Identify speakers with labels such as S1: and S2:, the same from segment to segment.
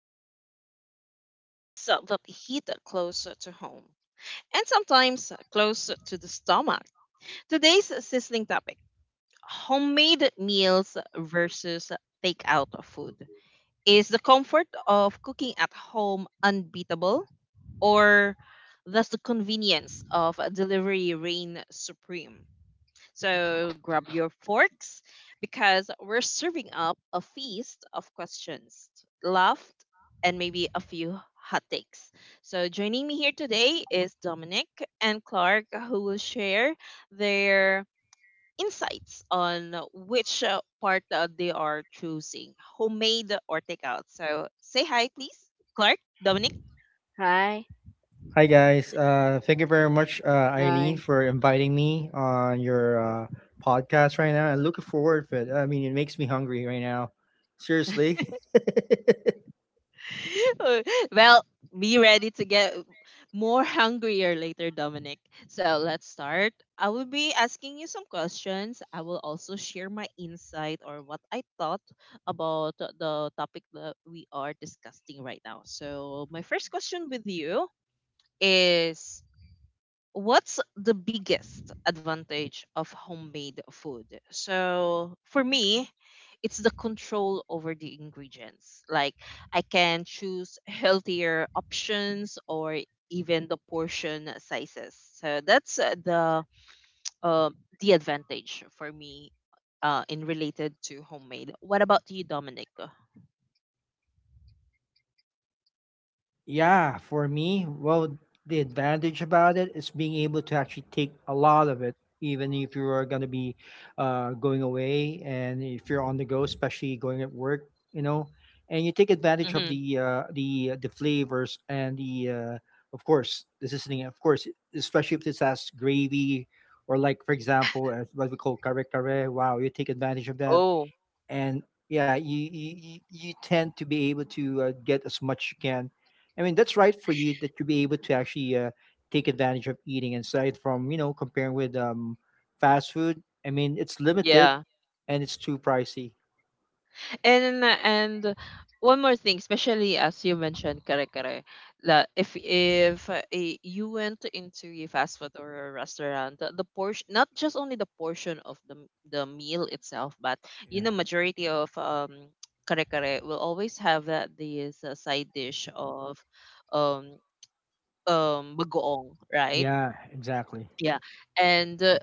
S1: stir up debates that hit close to home and sometimes close to the stomach. Today's sizzling topic: homemade meals versus takeout food. Is the comfort of cooking at home unbeatable, or does the convenience of delivery reign supreme? So grab your forks because we're serving up a feast of questions, laughed, and maybe a few hot takes. So joining me here today is Dominic and Clark, who will share their insights on which part they are choosing, homemade or takeout. So say hi, please, Clark, Dominic.
S2: Hi, hi.
S1: Well, be ready to get more hungrier later, Dominic. So let's start. I will be asking you some questions. I will also share my insight or what I thought about the topic that we are discussing right now. So, my first question with you is, what's the biggest advantage of homemade food? So for me, it's the control over the ingredients. Like, I can choose healthier options or even the portion sizes. So that's uh, the advantage for me in related to homemade. What about you, Dominic? hmm Oh, yeah. And one more thing, especially as you mentioned, kare kare, that if you went into a fast food or a restaurant, the portion, not just only the portion of the meal itself, but you know, majority of kare kare will always have that this side dish of um bagoong, right? Yeah. And uh,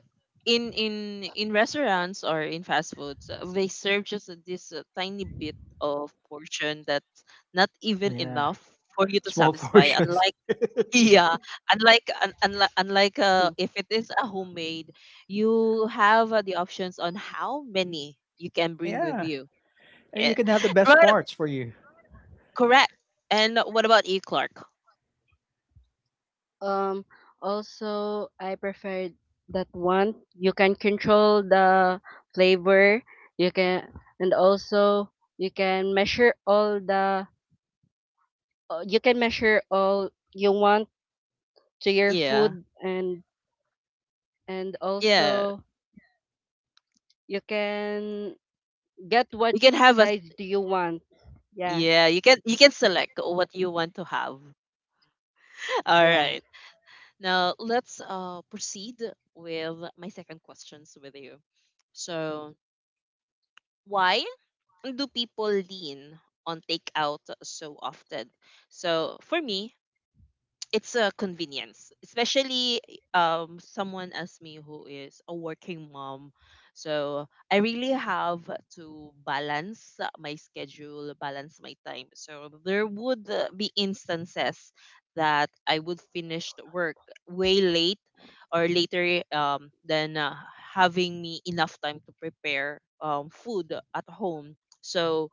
S1: in in in restaurants or in fast foods, they serve just this tiny bit of portion that's not even enough for you to satisfy. Unlike yeah, unlike un, unlike unlike if it is a homemade, you have the options on how many you can bring with you. Yeah. Right. Correct. And what about E Clark?
S2: Um, Also, I prefer that one. You can control the flavor. You can, and also you can measure all the. You can measure all you want to your
S1: Yeah.
S2: food, and
S1: Yeah.
S2: also you can get what
S1: You can have a
S2: size do you want. Yeah,
S1: yeah, you can select what you want to have. All
S2: yeah,
S1: right. Now let's proceed with my second questions with you. So, why do people lean on takeout so often? So, for me, it's a convenience, especially someone as me who is a working mom. So I really have to balance my schedule, balance my time. So there would be instances that I would finish the work way late or later than having me enough time to prepare food at home. So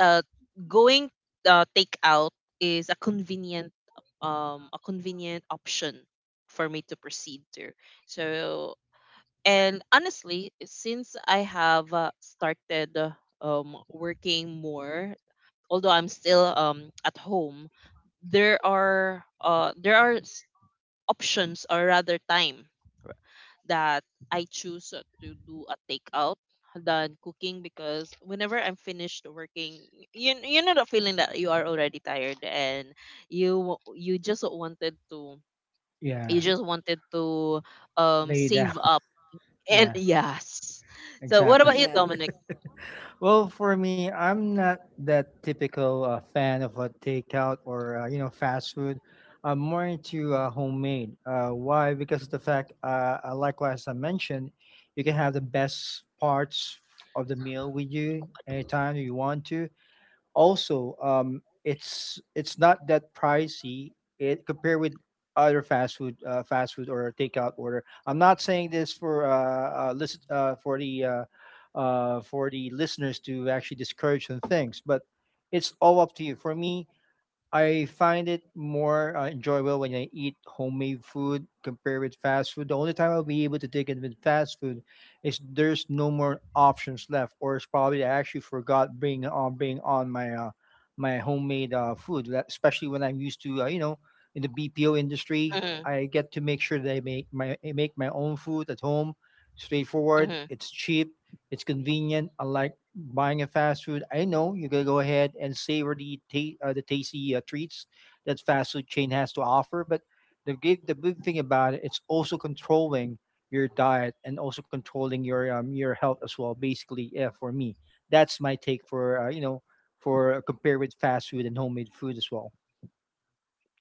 S1: uh, going take out is a convenient option for me to proceed to. So, and honestly, since I have started working more, although I'm still at home, there are options or rather time that I choose to do a takeout than cooking because whenever I'm finished working, you know the feeling that you are already tired and you you just wanted to you just wanted to save up and yes. So what about
S2: yes.
S1: you, Dominic? Mm-hmm, mm-hmm.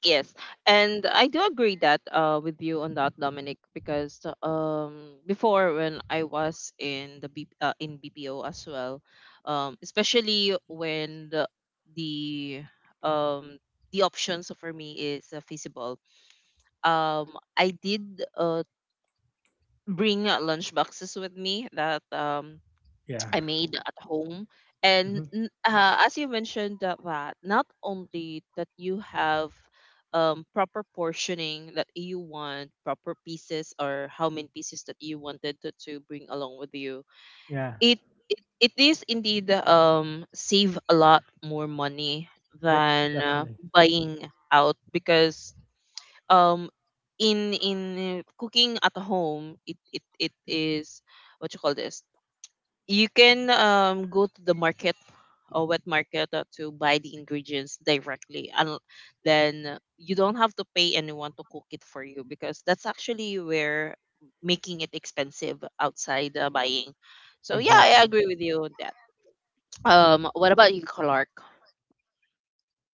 S1: Yes, and I do agree that with you on that, Dominic, because um before when I was in the B in BPO as well, especially when the um the options for me is feasible. Um, I did uh bring lunch boxes with me that I made at home. And as you mentioned, that that not only that you have proper portioning that you want, proper pieces or how many pieces that you wanted to bring along with you, it, it is indeed save a lot more money than buying out because um in cooking at home it is what you call this, you can go to the market or wet market to buy the ingredients directly, and then you don't have to pay anyone to cook it for you because that's actually where making it expensive outside buying. So yeah, I agree with you on that. What about you, Clark?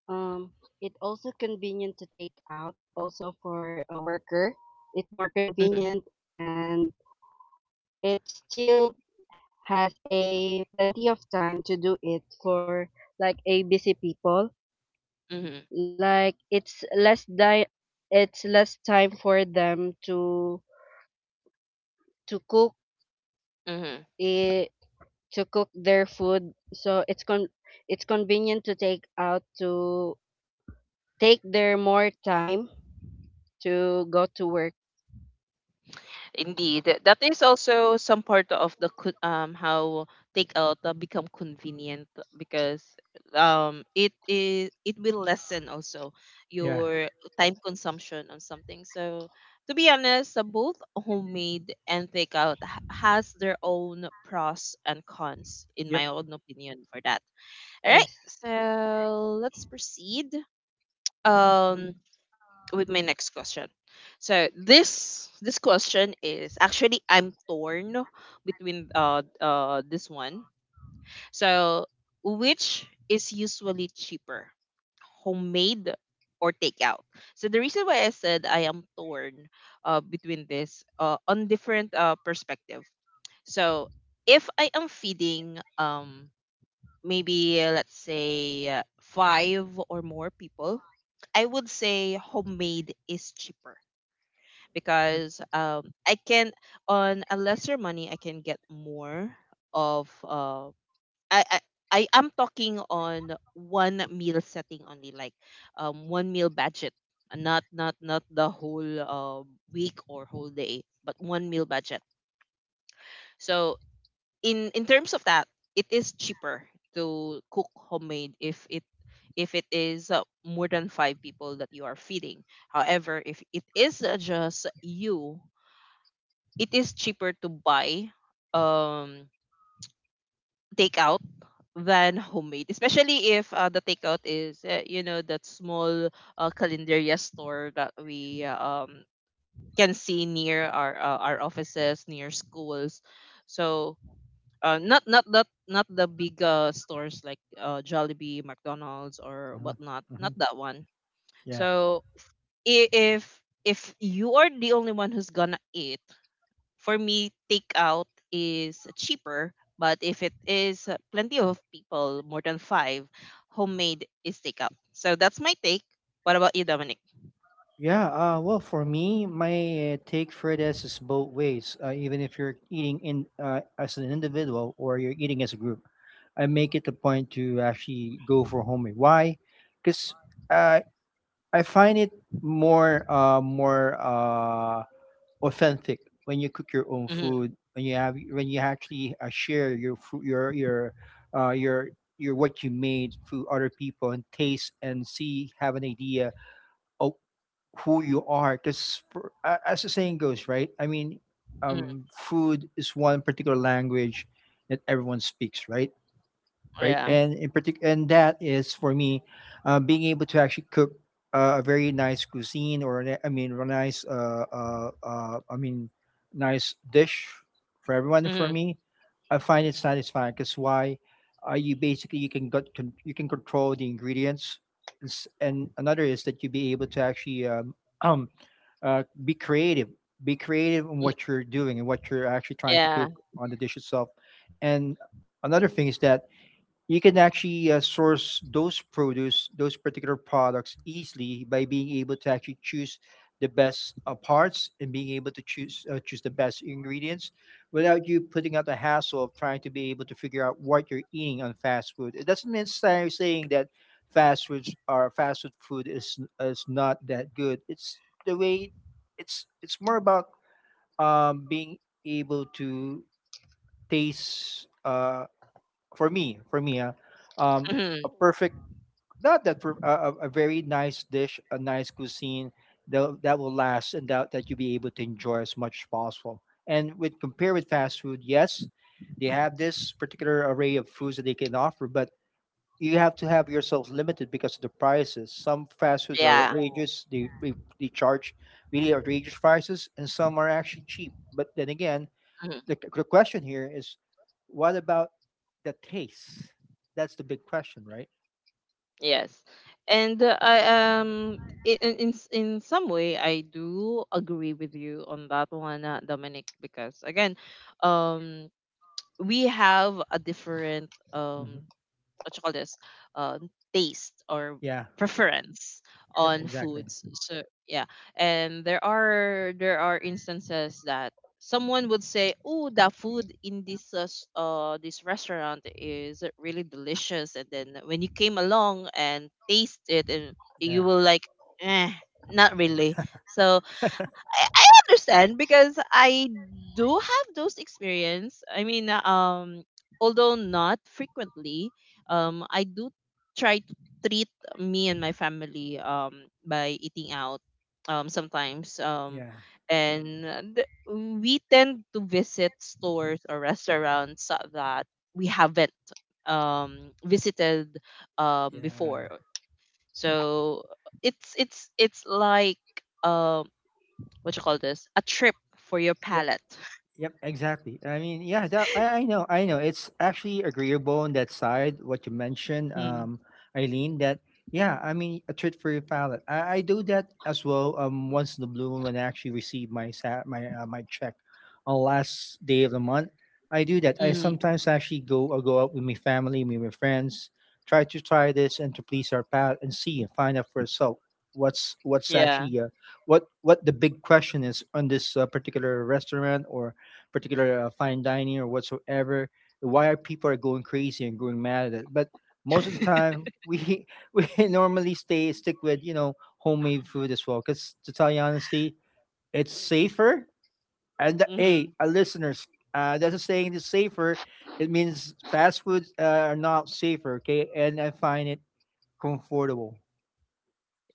S2: Um, it also convenient to take out also for a worker. It's more
S1: Mm-hmm,
S2: convenient and it still has a plenty of time to do it for like a busy people.
S1: mm-hmm,
S2: Like it's less time for them to cook
S1: mm-hmm.
S2: it, to cook their food. So it's convenient to take out to take their more time to go to work.
S1: Indeed, that is also some part of how takeout become convenient because it will lessen also your time consumption on something. So to be honest, both homemade and takeout has their own pros and cons in my own opinion for that. All
S2: Yes.
S1: right, so let's proceed. Um, with my next question. So this question is actually, I'm torn between this one. So which is usually cheaper, homemade or takeout? So the reason why I said I am torn between this on different perspective. So if I am feeding maybe let's say five or more people, I would say homemade is cheaper because I can on a lesser money I can get more of I, I I am talking on one meal setting only, like one meal budget not the whole week or whole day, but one meal budget. So in terms of that, it is cheaper to cook homemade if it is more than five people that you are feeding. However, if it is just you, it is cheaper to buy um takeout than homemade, especially if the takeout is you know, that small calendaria store that we can see near our offices, near schools. So not not that not the big stores like Jollibee, McDonald's, or whatnot, not that one. So i- if if you are the only one who's gonna eat, for me, takeout is cheaper, but if it is plenty of people, more than five, homemade is takeout. So that's my take. What about you, Dominic? Mm-hmm. Mm-hmm, yeah. Mhm. Mm, yeah. Mhm, yeah. Mhm, yes. And um in some way I do agree with you on that one, Dominic, because again, um we have a different what you call this, um, taste or preference on foods. So yeah, and there are instances that someone would say, oh, the food in this restaurant is really delicious, and then when you came along and taste it, and you will like, eh, not really. So I understand because I do have those experience. I mean, although not frequently, I do try to treat me and my family by eating out sometimes, and uh, th- we tend to visit stores or restaurants that we haven't um visited before. So it's it's like um, what you call this, a trip for your palate. Mm, hmm, yeah, hmm,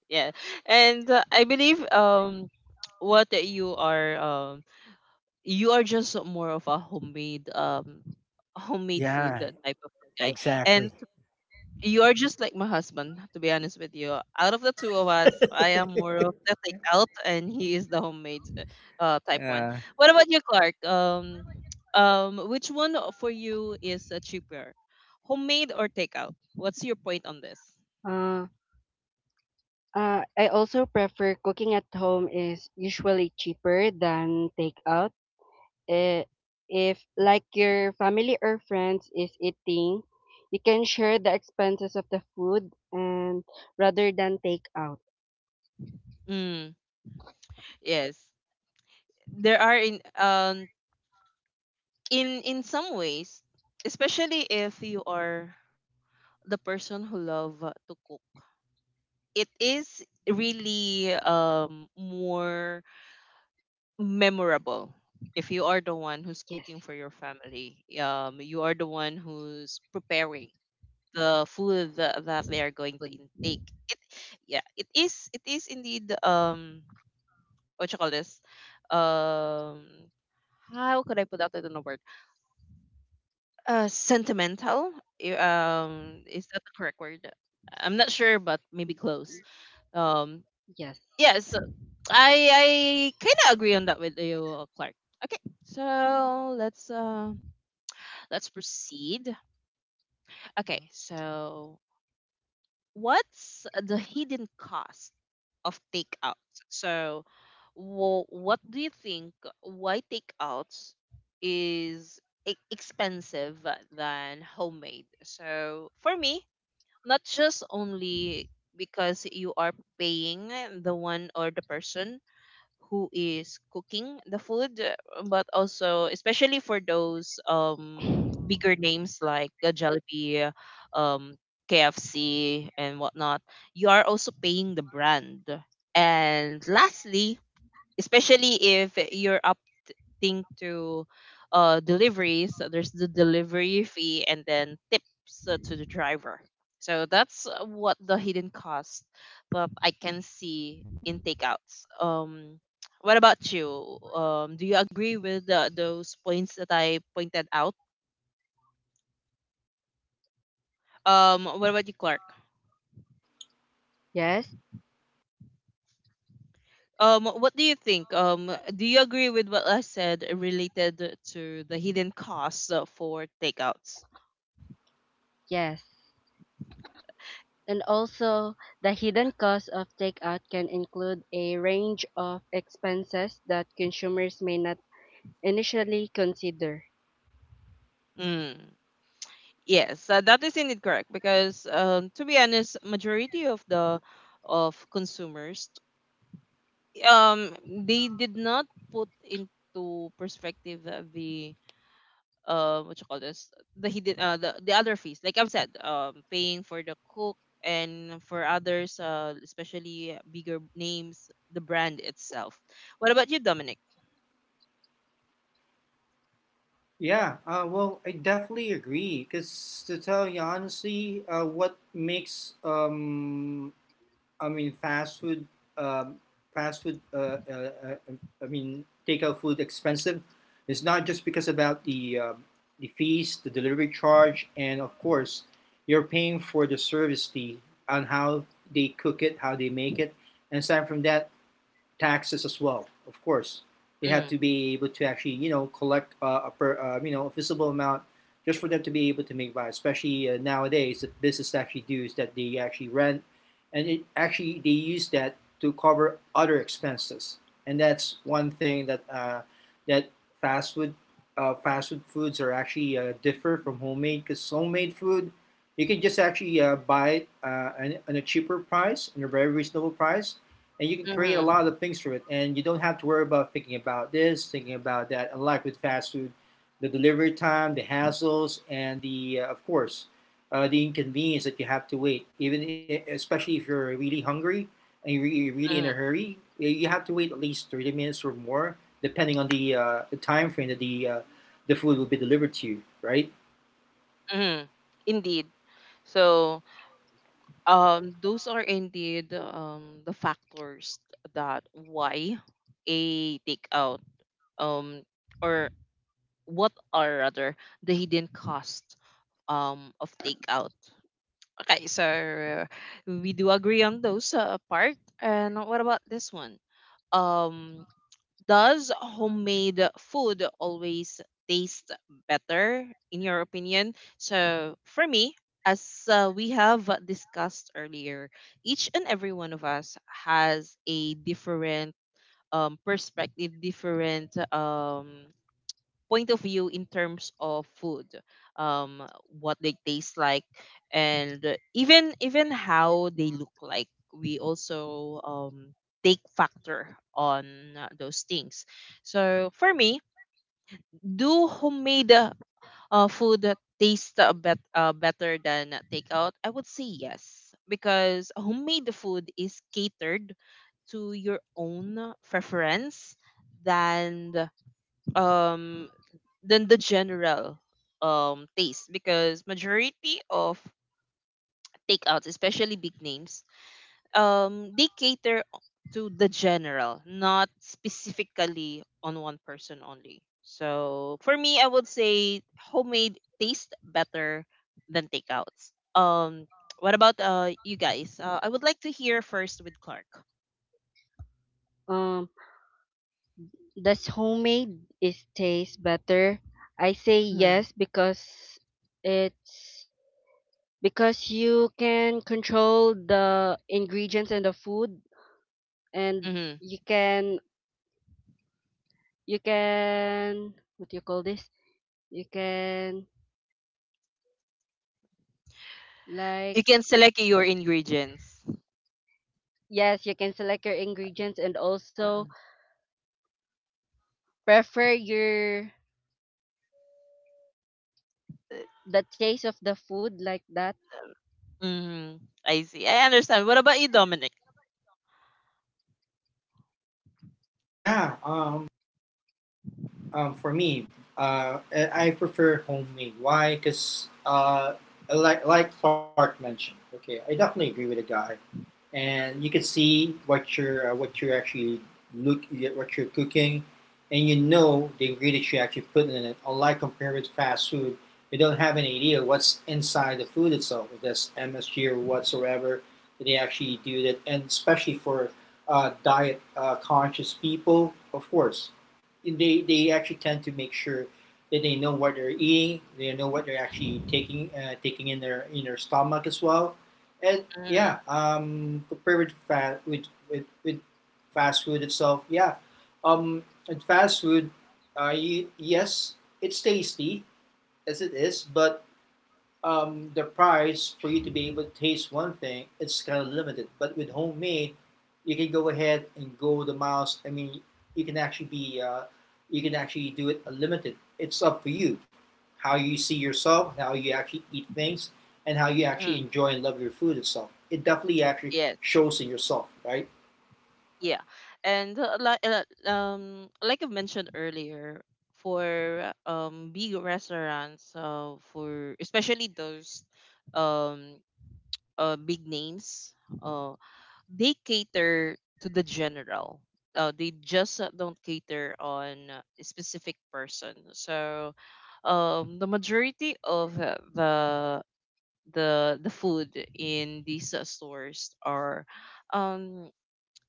S1: yeah. And I believe what you are just more of a homemade homemade food, that type of guy. And you are just like my husband, to be honest with you. Out of the two of us, I am more of the take out, and he is the homemade type one. What about you, Clark? Which one for you is cheaper, homemade or takeout? What's your point on this?
S2: Uh, I also prefer cooking at home is usually cheaper than takeout. Eh, if like your family or friends is eating, you can share the expenses of the food and rather than takeout.
S1: Mm, yes, there are in some ways, especially if you are the person who love to cook. It is really more memorable. If you are the one
S2: Yes,
S1: who's cooking for your family, you are the one who's preparing the food that, that they are
S2: food.
S1: going to intake. It, yeah, it is. It is indeed. What you call this? Um, how could I put out that in a word? Sentimental. Is that the correct word? I'm not sure, but maybe close. Um,
S2: Yes.
S1: yes. I kind of agree on that with you, Clark. Okay, so let's proceed. Okay, so what's the hidden cost of takeouts? So, what do you think? Why takeouts is expensive than homemade? So for me, not just only because you are paying the one or the person who is cooking the food, but also especially for those bigger names like Jollibee, um KFC, and whatnot, you are also paying the brand. And lastly, especially if you're opting to delivery. So there's the delivery fee, and then tips to the driver. So that's what the hidden cost that I can see in takeouts. What about you? Do you agree with those points that I pointed out? What about you, Clark?
S2: Yes,
S1: What do you think? Do you agree with what I said related to the hidden costs for takeouts?
S2: yes. And also, the hidden cost of takeout can include a range of expenses that consumers may not initially consider.
S1: Mm. Yes, that is indeed correct because to be honest, majority of the of consumers um they did not put into perspective the what you call this the hidden the other fees like I've said, paying for the cook and for others, especially bigger names, the brand itself. What about you, Dominic?
S3: Yeah, well, I definitely agree. Because to tell you honestly, what makes I mean, um, fast food, I mean, takeout food expensive, is not just because about the fees, the delivery charge, and of course, you're paying for the service fee on how they cook it, how they make it, and aside from that, taxes as well. Of course, they have to
S1: Mm,
S3: be able to actually you know collect you know a visible amount just for them to be able to make buy. Especially nowadays, the business actually dues that they actually rent, and it actually they use that to cover other expenses. And that's one thing that that fast food fast food foods are actually differ from homemade because homemade food you can just actually buy it on a cheaper price and a very reasonable price, and you can create a
S1: mm-hmm,
S3: lot of things from it, and you don't have to worry about thinking about this thinking about that unlike with fast food, the delivery time, the hassles, and the of course the inconvenience that you have to wait even especially if you're really hungry and you're really, really in a
S1: mm-hmm,
S3: hurry. You have to wait at least 30 minutes or more depending on the time frame that the food will be delivered to you, right?
S1: mm-hmm. Indeed. So, those are indeed the factors that why a takeout, um or what are rather the hidden cost of takeout. Okay, so we do agree on those part. And what about this one, um does homemade food always taste better in your opinion? So for me, as we have discussed earlier, each and every one of us has a different perspective, different point of view in terms of food, um, what they taste like, and even how they look like. We also take factor on those things. So for me, do homemade food taste better than takeout? I would say yes, because homemade food is catered to your own preference than um than the general taste, because majority of takeouts, especially big names, they cater to the general, not specifically on one person only. So for me, I would say homemade tastes better than takeouts. What about you guys? I would like to hear first with Clark.
S2: Um, Does homemade is taste better? I say
S1: Mhm,
S2: yes because it's because you can control the ingredients in the food and
S1: mhm.
S2: you can you can what do you call this? You can like
S1: You can select your ingredients.
S2: Yes, you can select your ingredients and also prefer your the taste of the food like that.
S1: Hmm, I see. I understand. What about you, Dominic?
S3: yeah um, for me, uh, I prefer homemade. Why? Because like Clark mentioned, okay, I definitely agree with the guy, and you can see look what you're cooking, and you know the ingredients you actually put in it. Unlike compared with fast food, you don't have any idea what's inside the food itself, if that's MSG or whatsoever. They actually do that, and especially for diet conscious people, of course, they actually tend to make sure that they know what they're eating, they know what they're actually taking taking in their stomach as well, and yeah, compared with fast food itself, yeah, um, and fast food, yes, it's tasty as it is, but the price for you to be able to taste one thing it's kind of limited. But with homemade, you can go ahead and go the miles. I mean, you can actually be uh, you can actually do it unlimited. It's up for you how you see yourself, how you actually eat things, and how you
S1: Mm,
S3: actually enjoy and love your food itself. It definitely actually
S1: yes,
S3: shows in yourself, right?
S1: yeah. And like I mentioned earlier, for big restaurants, for especially those, um big names, uh they cater to the general. They just don't cater on a specific person. So, the majority of the the food in these stores are um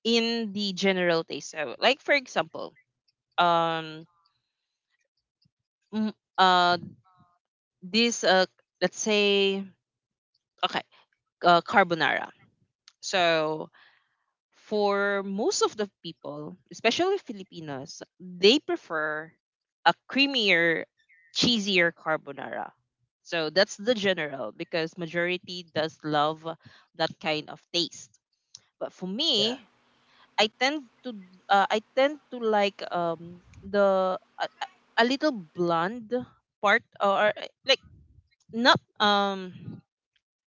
S1: in the general taste. So, like for example, um, mm, uh, this let's say, okay, carbonara. So for most of the people, especially Filipinos, they prefer a creamier, cheesier carbonara. So that's the general because majority does love that kind of taste. But for
S3: Yeah,
S1: me, I tend to I tend to like the a little bland part, or like not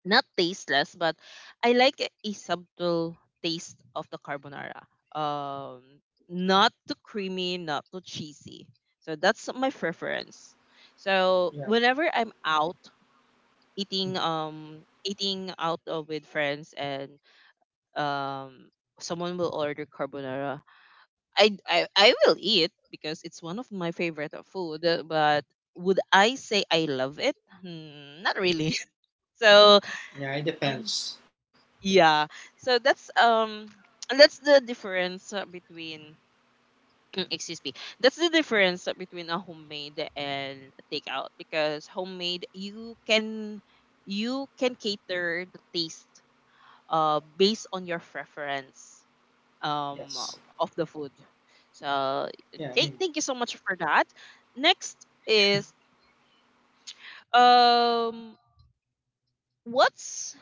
S1: not tasteless, but I like a subtle taste of the carbonara. Um not too creamy, not too cheesy. So that's my preference. So
S3: yeah,
S1: whenever I'm out eating,
S3: mhm.
S1: eating out with friends, and um someone will order carbonara, I will eat because it's one of my favorite of food. But would I say I love it? Hmm, not really. So,
S3: Yeah, it
S1: mm,
S3: depends.
S1: yeah. So that's that's the difference between excuse me. That's the difference between a homemade and takeout, because homemade you can, you can cater the taste based on your preference um
S3: Yes.
S1: of the food. So,
S3: Yeah, I mean,
S1: Kate, thank you so much for that. Next is, um what's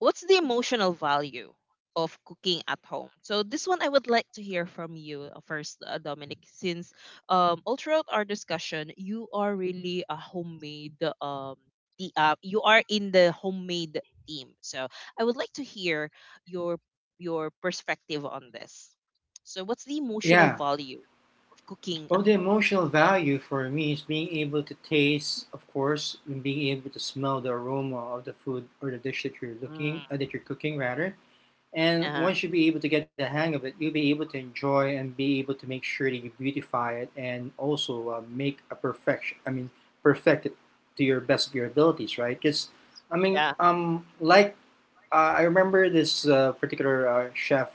S1: what's the emotional value of cooking at home? So this one I would like to hear from you first, Dominic, since all throughout our discussion, you are really a homemade, um the you are in the homemade team. So I would like to hear your your perspective on this. So what's the emotional
S3: yeah.
S1: value of cooking
S3: Well,
S1: at
S3: the
S1: home?
S3: emotional value for me is being able to taste, of course, and being able to smell the aroma of the food or the dish that
S1: Mm.
S3: that you're cooking rather. And
S1: Uh,
S3: once you be able to get the hang of it, you'll be able to enjoy and be able to make sure that you beautify it and also make a perfection. I mean, perfect it to your best of your abilities, right? Because, I mean,
S1: yeah,
S3: I remember this particular chef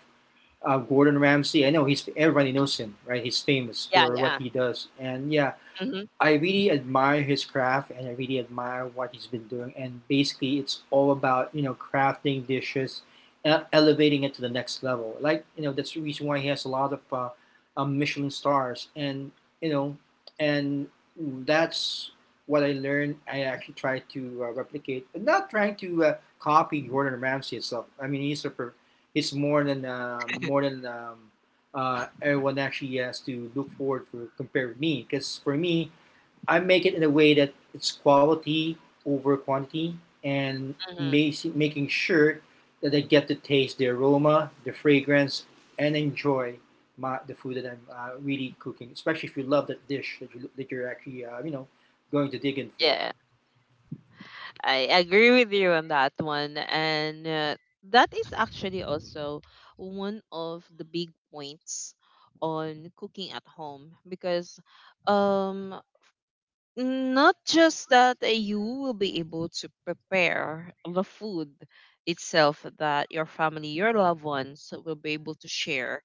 S3: Gordon Ramsay. I know he's everybody knows him, right? He's famous
S1: yeah,
S3: for what
S1: yeah.
S3: he does, and yeah,
S1: Mm-hmm,
S3: I really admire his craft and I really admire what he's been doing. And basically, it's all about, you know, crafting dishes, elevating it to the next level. Like, you know, that's the reason why he has a lot of Michelin stars. You know, and that's what I learned. I actually try to replicate, I'm not trying to copy Gordon Ramsay itself. I mean, he's more than, everyone actually has to look forward for compared with me because for me I make it in a way that it's quality over quantity and
S1: mm-hmm.
S3: making sure that I get to taste the aroma, the fragrance, and enjoy the food that I'm really cooking. Especially if you love that dish that, that you're actually, you know, going to dig in for.
S1: Yeah. I agree with you on that one. And that is actually also one of the big points on cooking at home, because um, not just that you will be able to prepare the food itself, that your family, your loved ones, will be able to share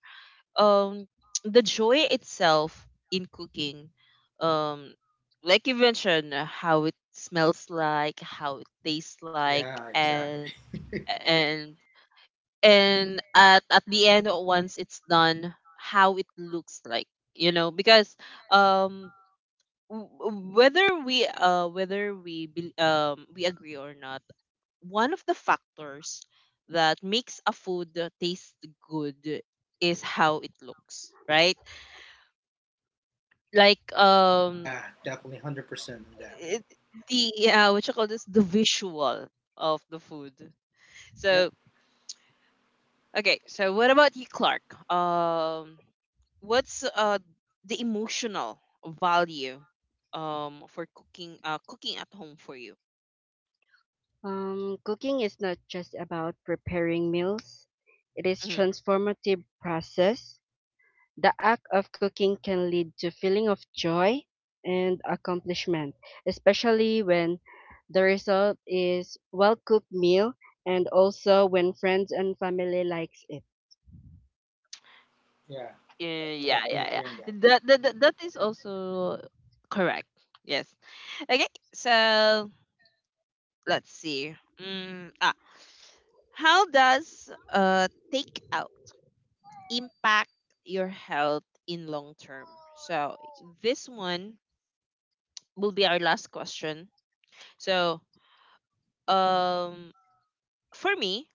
S1: um the joy itself in cooking, um like you mentioned, how it smells like, how it tastes like,
S3: Yeah,
S1: and
S3: exactly.
S1: and and at the end once it's done, how it looks like, you know, because um whether we bel we agree or not, one of the factors that makes a food taste good is how it looks, right? Like,
S3: Yeah, definitely 100% on that.
S1: it, the what you call this the visual of the food.
S3: Yep.
S1: So okay, so what about you, Clark? um what's the emotional value for cooking, cooking at home for you?
S2: Um, cooking is not just about preparing meals. It is
S1: Mm-hmm.
S2: transformative process. The act of cooking can lead to feeling of joy and accomplishment, especially when the result is well-cooked meal and also when friends and family likes it.
S3: Yeah,
S1: Yeah,
S3: I definitely
S1: yeah, yeah.
S3: agree on that.
S1: That, that is also correct, yes. Okay, so let's see. Mm, ah, how does takeout impact your health in long term. So this one will be our last question. So um for me,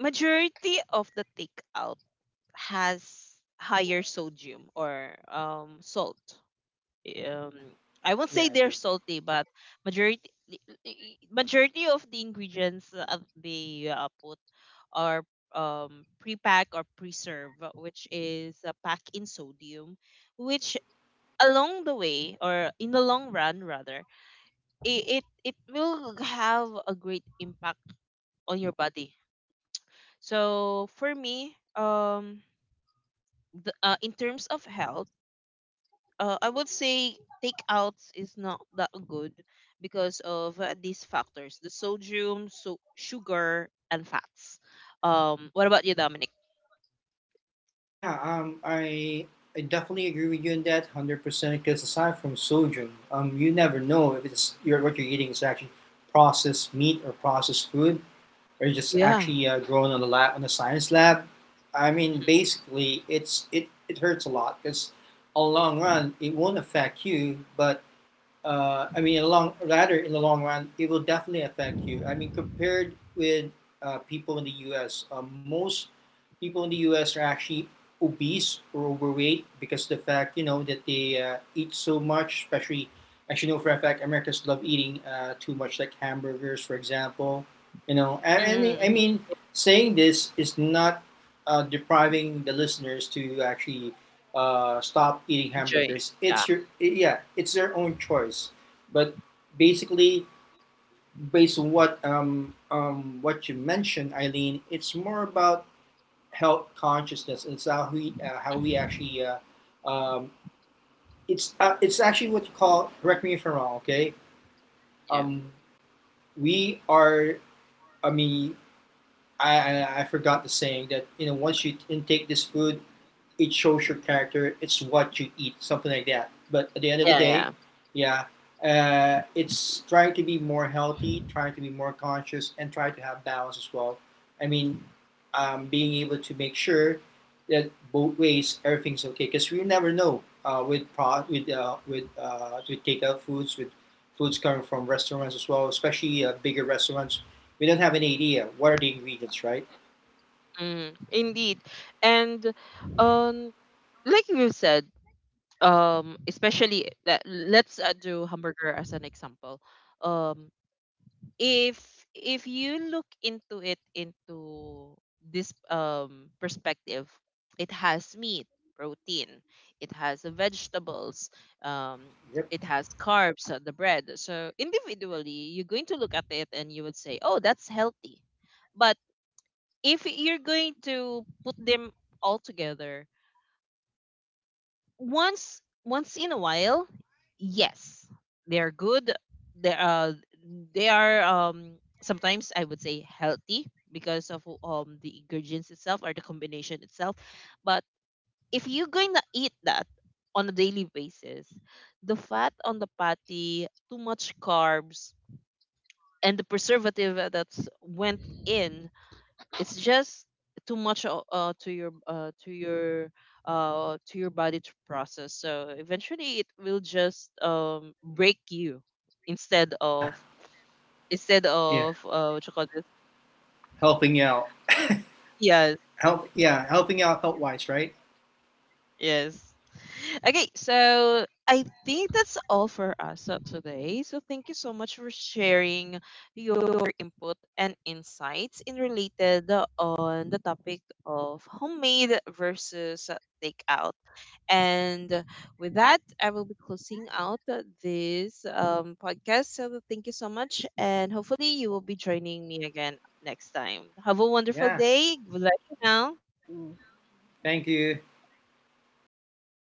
S1: majority of the takeout has higher sodium or salt. Um
S3: Yeah,
S1: I won't
S3: yeah,
S1: say
S3: I
S1: they're
S3: agree.
S1: salty, but majority majority of the ingredients that they put are um pre-pack or preserve, which is packed in sodium, which along the way, or in the long run rather, it will have a great impact on your body. So for me, the, in terms of health, I would say takeouts is not that good because of these factors: the sodium, so sugar and fats. What about you, Dominic?
S3: Yeah, I definitely agree with you on that, 100%. Because aside from sodium, you never know if what you're eating is actually processed meat or processed food, or just
S1: Yeah.
S3: actually grown on the lab on the science lab. I mean, basically, it hurts a lot because on the long run, it won't affect you, but I mean, in the long run, it will definitely affect you. I mean, compared with people in the U.S., most people in the U.S. are actually obese or overweight because of the fact you know that they eat so much, especially actually know for a fact Americans love eating too much, like hamburgers, for example. You know, and I
S1: Mm-hmm.
S3: mean, saying this is not depriving the listeners to actually stop eating
S1: Enjoy.
S3: hamburgers.
S1: Yeah.
S3: It's your yeah, it's their own choice. But basically, based on what you mentioned, Eileen, it's more about health consciousness. It's how
S1: Mhm.
S3: we actually it's actually what you call. Correct me if I'm wrong. Okay,
S1: Yeah,
S3: um, we are. I mean, I forgot the saying that you know once you intake this food, it shows your character. It's what you eat, something like that. But at the end of the
S1: yeah,
S3: day,
S1: yeah.
S3: yeah, it's trying to be more healthy, trying to be more conscious, and try to have balance as well. I mean, being able to make sure that both ways everything's okay because we never know with takeout foods with foods coming from restaurants as well, especially bigger restaurants, we don't have any idea what are the ingredients, right?
S1: Mm, indeed. And um like you said, especially let's do hamburger as an example. um if if you look into it, into this perspective, it has meat, protein, it has vegetables, um
S3: Yep.
S1: it has carbs, the bread. So individually you're going to look at it and you would say, oh, that's healthy. But if you're going to put them all together, once in a while, yes, they are good. They uh they are, sometimes I would say healthy because of the ingredients itself or the combination itself. But if you're going to eat that on a daily basis, the fat on the patty, too much carbs, and the preservative that's went in, it's just too much to your to your body to process. So eventually it will just, break you instead of,
S3: Yeah,
S1: instead of,
S3: yeah.
S1: what you call this
S3: Helping out.
S1: yes.
S3: Help yeah, helping out health wise, right?
S1: Yes. Okay, so I think that's all for us today. So thank you so much for sharing your input and insights in related, on the topic of homemade versus takeout. And with that, I will be closing out this podcast. So thank you so much, and hopefully you will be joining me again next time. Have a wonderful
S3: Yeah.
S1: day. Good luck for now.
S2: Mm,
S3: Thank you.
S2: thank